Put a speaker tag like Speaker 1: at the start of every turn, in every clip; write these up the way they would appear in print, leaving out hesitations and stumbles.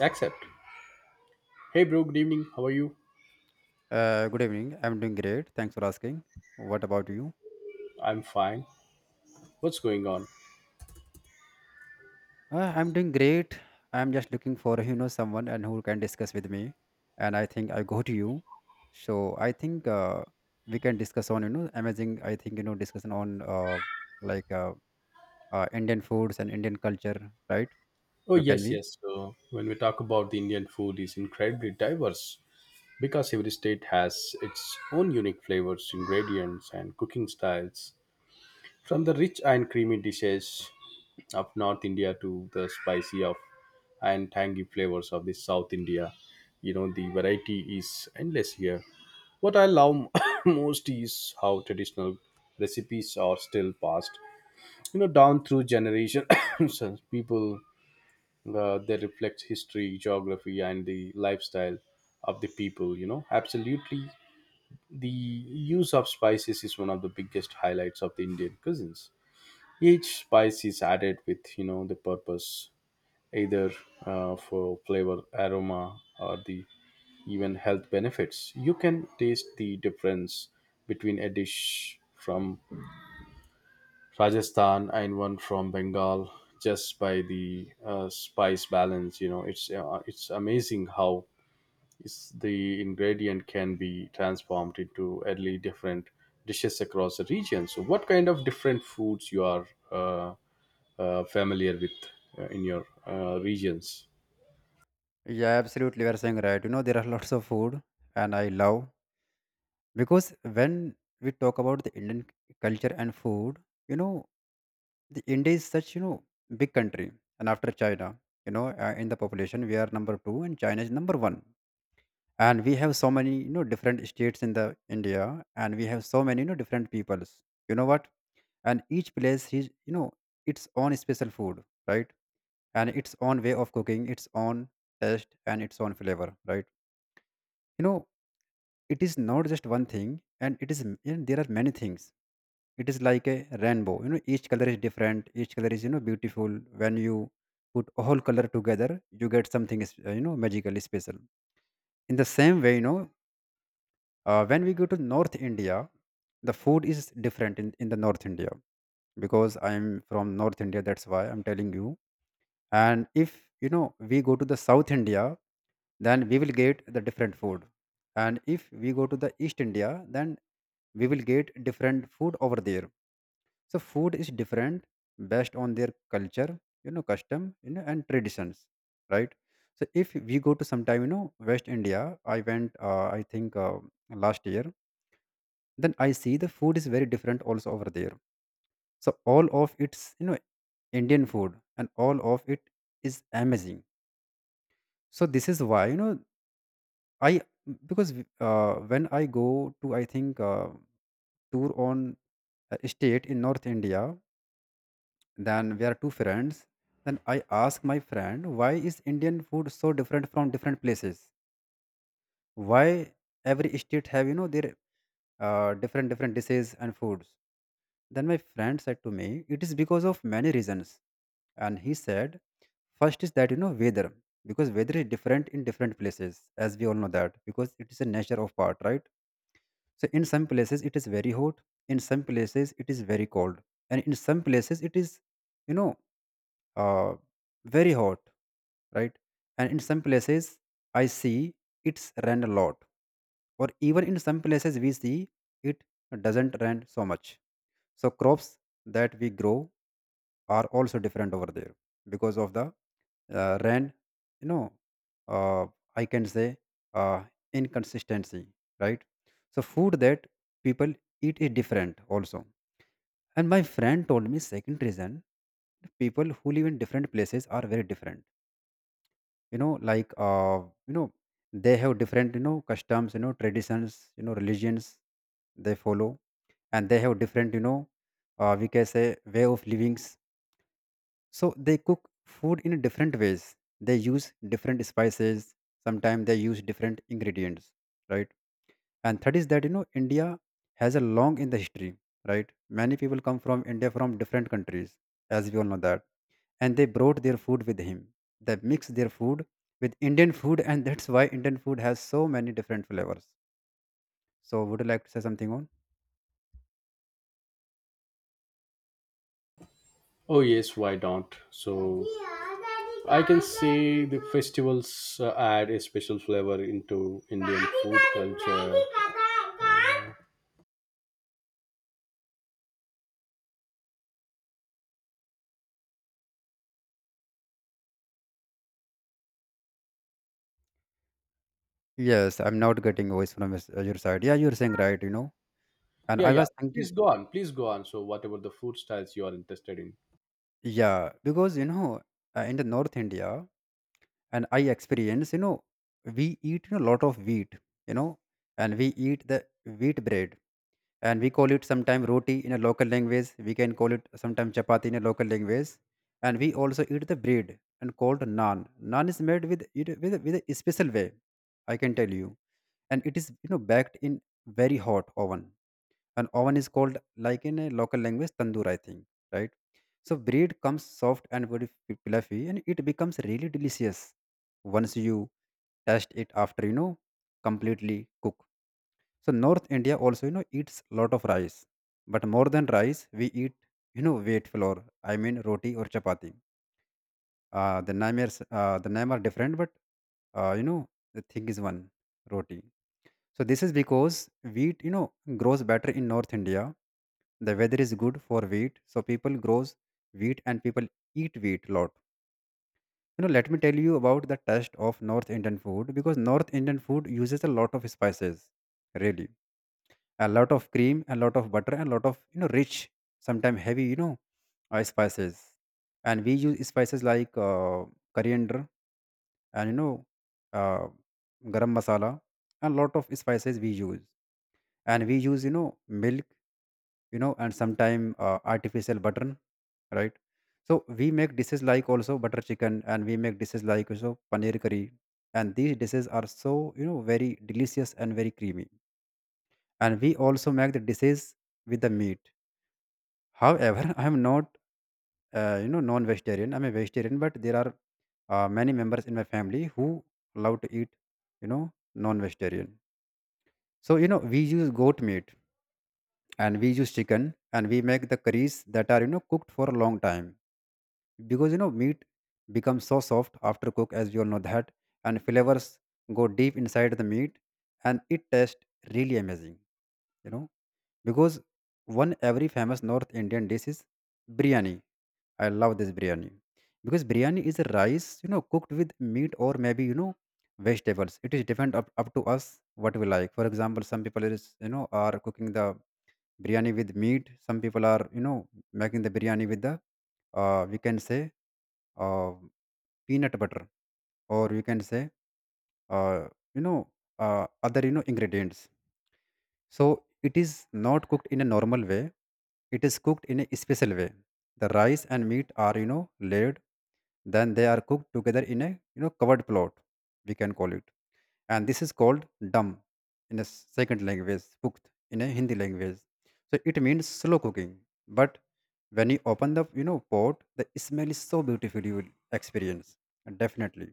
Speaker 1: Accept. Hey, bro. Good evening. How are you?
Speaker 2: Good evening. I'm doing great. Thanks for asking. What about you?
Speaker 1: I'm fine. What's going on?
Speaker 2: I'm doing great. I'm just looking for someone and who can discuss with me, and I think I go to you. So I think we can discuss on you know amazing. I think you know discussion on like uh, Indian foods and Indian culture, right?
Speaker 1: Oh,
Speaker 2: So can
Speaker 1: yes,
Speaker 2: we?
Speaker 1: yes. So, when we talk about the Indian food, is incredibly diverse because every state has its own unique flavors, ingredients, and cooking styles. From the rich and creamy dishes of North India to the spicy of and tangy flavors of the South India, you know the variety is endless here. What I love most is how traditional recipes are still passed you know down through generations people they reflect history geography and the lifestyle of the people you know absolutely the use of spices is one of the biggest highlights of the indian cuisines each spice is added with you know the purpose either for flavor aroma or the even health benefits you can taste the difference between a dish from Rajasthan and one from Bengal just by the spice balance. You know, it's amazing how it's the ingredient can be transformed into early different dishes across the region. So, what kind of different foods you are familiar with in your regions?
Speaker 2: Yeah, absolutely. We are saying right. You know there are lots of food, and I love because when we talk about the indian culture and food you know the india is such you know big country, and after china in the population we are number 2 and china is number 1, and we have so many you know different states in the india, and we have so many you know different peoples you know what, and each place has you know its own special food, right, and its own way of cooking, its own taste and its own flavor, right, you know it is not just one thing, and and there are many things. It is like a rainbow, you know each color is different, each color is you know beautiful. When you put all color together you get something you know magically special. In the same way when we go to north india the food is different in the north india, because I'm from north india, that's why I'm telling you. And if you know we go to the south india, then we will get the different food. And if we go to the east india, then we will get different food over there. So food is different based on their culture, you know, custom, you know, and traditions, right? So if we go to sometime, you know, West India, I went, I think last year, then I see the food is very different also over there. So all of it's, you know, Indian food, and all of it is amazing. So this is why, you know, I, because when I go to, I think, tour on a state in North India, then we are two friends. Then I ask my friend, why is Indian food so different from different places? Why every state have you know their different dishes and foods? Then my friend said to me, it is because of many reasons. And he said, first is that you know weather, because weather is different in different places, as we all know that, because it is a nature of part, right? So in some places it is very hot, in some places it is very cold, and in some places it is, you know uh, very hot, right? And in some places, I see it's rained a lot, or even in some places, we see it doesn't rain so much. So, crops that we grow are also different over there because of the ran you know uh, I can say uh, inconsistency, right. So food that people eat is different also. And my friend told me second reason, people who live in different places are very different, you know like uh, you know they have different you know customs, you know traditions, you know religions they follow, and they have different you know we can say way of living. So they cook food in different ways. They use different spices. Sometimes they use different ingredients, right? And third is that you know India has a long in the history, right? Many people come from India from different countries, as we all know that, and they brought their food with him. They mix their food with Indian food, and that's why Indian food has so many different flavors. So, would you like to say something on?
Speaker 1: Oh yes, why don't? So I can say the festivals add a special flavor into Indian food culture.
Speaker 2: Yes, I'm not getting voice from your side. Yeah, you're saying right. You know, and
Speaker 1: Yeah,
Speaker 2: I
Speaker 1: yeah.
Speaker 2: was thinking.
Speaker 1: Please go on. Please go on. So, what about the food styles you are interested in?
Speaker 2: Yeah, because you know, in the North India, and I experience, you know, we eat a lot of wheat, you know, and we eat the wheat bread, and we call it sometime roti in a local language. We can call it sometime chapati in a local language, and we also eat the bread and called naan. Naan is made with it with a special way, I can tell you, and it is you know baked in very hot oven. An oven is called like in a local language tandoor, I think, right. So bread comes soft and very fluffy, and it becomes really delicious once you taste it after you know completely cook. So north india also you know eats lot of rice, but more than rice we eat you know wheat flour, I mean roti or chapati. The name are different but you know the thing is one, roti. So this is because wheat, you know, grows better in North India. The weather is good for wheat, so people grows wheat, and people eat wheat a lot. You know, let me tell you about the taste of North Indian food, because North Indian food uses a lot of spices, really, a lot of cream, a lot of butter, and a lot of you know rich, sometimes heavy, spices. And we use spices like coriander and uh, garam masala, and lot of spices we use, and we use you know milk, you know, and sometime artificial butter, right. So we make dishes like also butter chicken, and we make dishes like also paneer curry, and these dishes are so you know very delicious and very creamy. And we also make the dishes with the meat, however I am not you know non vegetarian, I'm a vegetarian, but there are many members in my family who love to eat you know non vegetarian. So you know we use goat meat, and we use chicken, and we make the curries that are you know cooked for a long time, because you know meat becomes so soft after cook, as you all know that, and flavors go deep inside the meat, and it tastes really amazing, you know. Because one every famous north indian dish is biryani, I love this biryani, because biryani is a rice you know cooked with meat or maybe you know vegetables. It is different up to us what we like. For example, some people is you know are cooking the biryani with meat, some people are you know making the biryani with the we can say uh, peanut butter, or we can say uh, you know other you know ingredients. So it is not cooked in a normal way, it is cooked in a special way. The rice and meat are you know laid, then they are cooked together in a you know covered plot, we can call it, and this is called dum in a second language cooked, in a hindi language. So it means slow cooking. But when you open the you know pot, the smell is so beautiful, you will experience. And definitely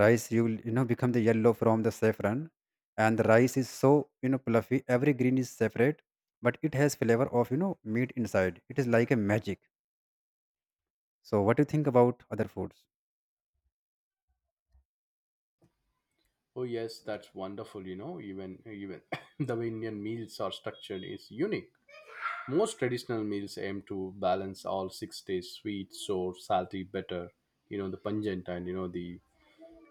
Speaker 2: rice you will you know become the yellow from the saffron, and the rice is so you know fluffy, every green is separate, but it has flavor of you know meat inside, it is like a magic. So what do you think about other foods?
Speaker 1: Oh, yes, that's wonderful. You know, even the way Indian meals are structured is unique. Most traditional meals aim to balance all six tastes: sweet, sour, salty, bitter. You know, the pungent and you know the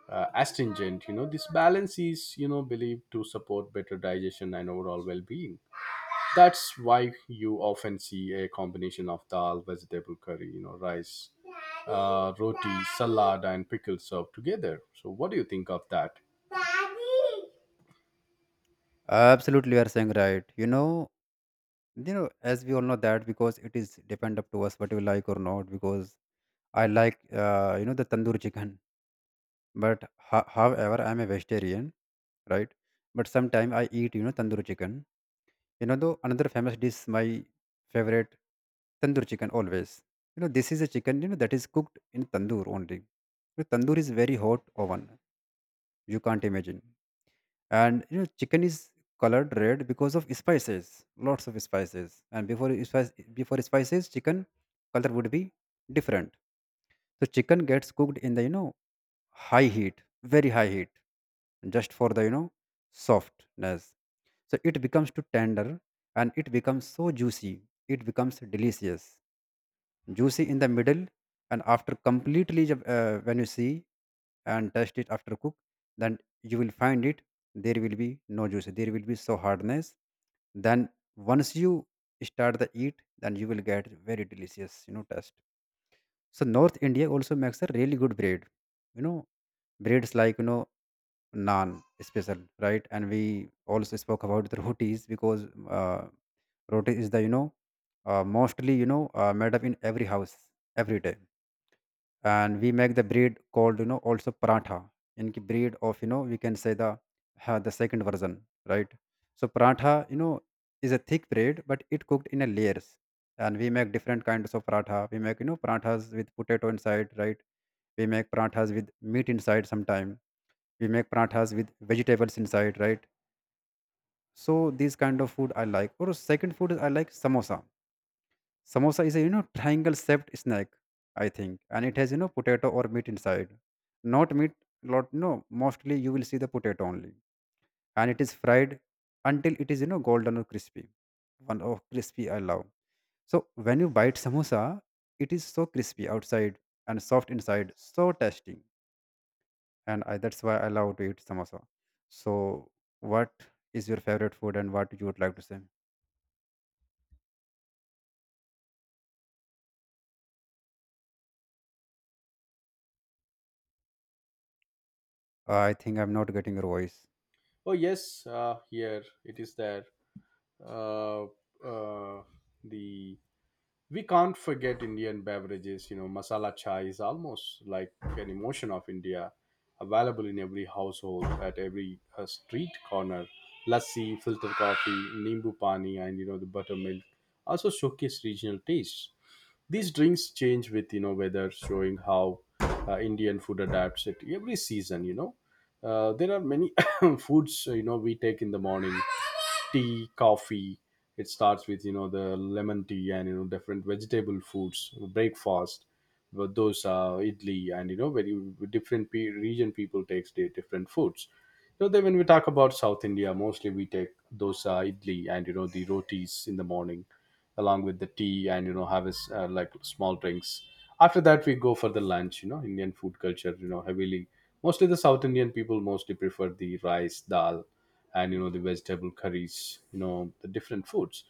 Speaker 1: astringent. You know, this balance is you know believed to support better digestion and overall well-being. That's why you often see a combination of dal, vegetable curry, you know, rice, roti, salad, and pickles served together. So, what do you think of that?
Speaker 2: Absolutely, you are saying right, you know, you know as we all know that because it is depend up to us what we like or not. Because I like you know the tandoor chicken. But however, I'm a vegetarian, right? But sometimes I eat, you know, tandoori chicken. You know, though another famous dish, my favorite tandoor chicken always. You know, this is a chicken, you know, that is cooked in tandoor only. The tandoor is very hot oven, you can't imagine. And you know, chicken is colored red because of spices, lots of spices. And before spices, chicken color would be different. So chicken gets cooked in the you know high heat, very high heat, just for the you know softness. So it becomes too tender, and it becomes so juicy, it becomes delicious, juicy in the middle. And after when you see and taste it after cook, then you will find it, there will be no juice, there will be so hardness. Then once you start the eat, then you will get very delicious you know taste. So north india also makes a really good bread, you know, breads like you know naan, special, right. And we also spoke about the rotis, because uh, roti is the you know mostly you know made up in every house every day. And we make the breed called you know also paratha, in ki breed of you know we can say the second version, right. So paratha you know is a thick bread, but it cooked in a layers, and we make different kinds of paratha. We make you know parathas with potato inside, right, we make parathas with meat inside sometime, we make parathas with vegetables inside, right. So these kind of food I like. Or second food is I like samosa. Samosa is a you know triangle shaped snack, I think, and it has you know potato or meat inside. Not meat, lot, no, mostly you will see the potato only. And it is fried until it is you know golden or crispy. One oh crispy I love. So when you bite samosa, it is so crispy outside and soft inside, so tasty. And I, that's why I love to eat samosa. So, what is your favorite food, and what you would like to say? I think I'm not getting your voice.
Speaker 1: Oh yes, here it is there. Uh, uh, the we can't forget Indian beverages. You know, masala chai is almost like an emotion of India, available in every household, at every street corner. Lassi, filter coffee, nimbu pani, and you know the buttermilk also showcase regional tastes. These drinks change with you know weather, showing how Indian food adapts it every season. You know, there are many foods you know we take in the morning tea, coffee. It starts with you know the lemon tea and you know different vegetable foods, breakfast, but those idli and you know very different region people takes their different foods. You know, then when we talk about South India, mostly we take dosa, idli, and you know the rotis in the morning, along with the tea and you know have a s like small drinks. After that, we go for the lunch. You know, Indian food culture. You know, heavily mostly the South Indian people mostly prefer the rice, dal, and you know the vegetable curries you know the different foods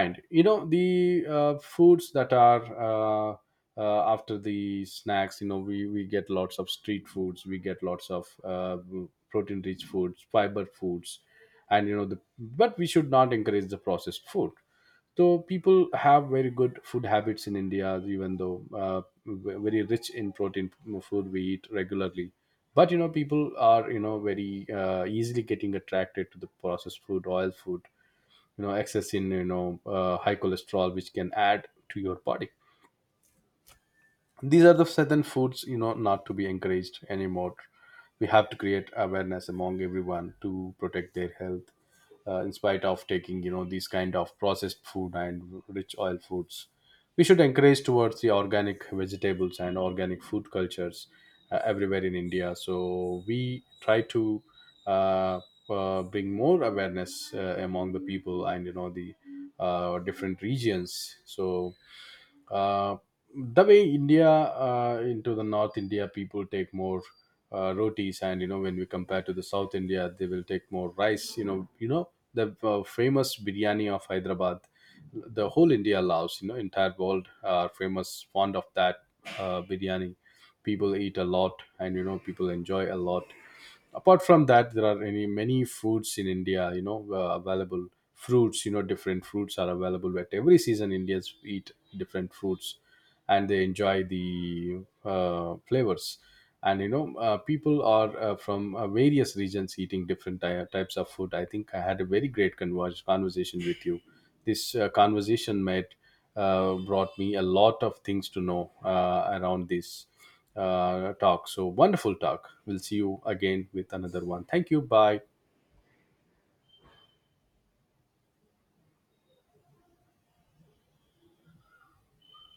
Speaker 1: and you know the foods that are after the snacks you know we get lots of street foods we get lots of protein rich foods fiber foods and you know the but we should not encourage the processed food so people have very good food habits in india even though uh, very rich in protein food we eat regularly but you know people are you know very easily getting attracted to the processed food oil food you know excess in you know high cholesterol which can add to your body these are the certain foods you know not to be encouraged anymore we have to create awareness among everyone to protect their health in spite of taking you know these kind of processed food and rich oil foods we should encourage towards the organic vegetables and organic food cultures everywhere in india so we try to uh, bring more awareness among the people and you know the different regions so uh, the way India into the North India people take more rotis, and you know when we compare to the South India, they will take more rice. You know the famous biryani of Hyderabad, the whole India loves. You know, entire world are famous fond of that biryani. People eat a lot, and you know people enjoy a lot apart from that there are any many foods in india you know available fruits you know different fruits are available at every season indians eat different fruits and they enjoy the flavors and you know people are from various regions eating different types of food I think I had a very great conversation with you this conversation made brought me a lot of things to know around this talk. So wonderful talk. We'll see you again with another one. Thank you. Bye.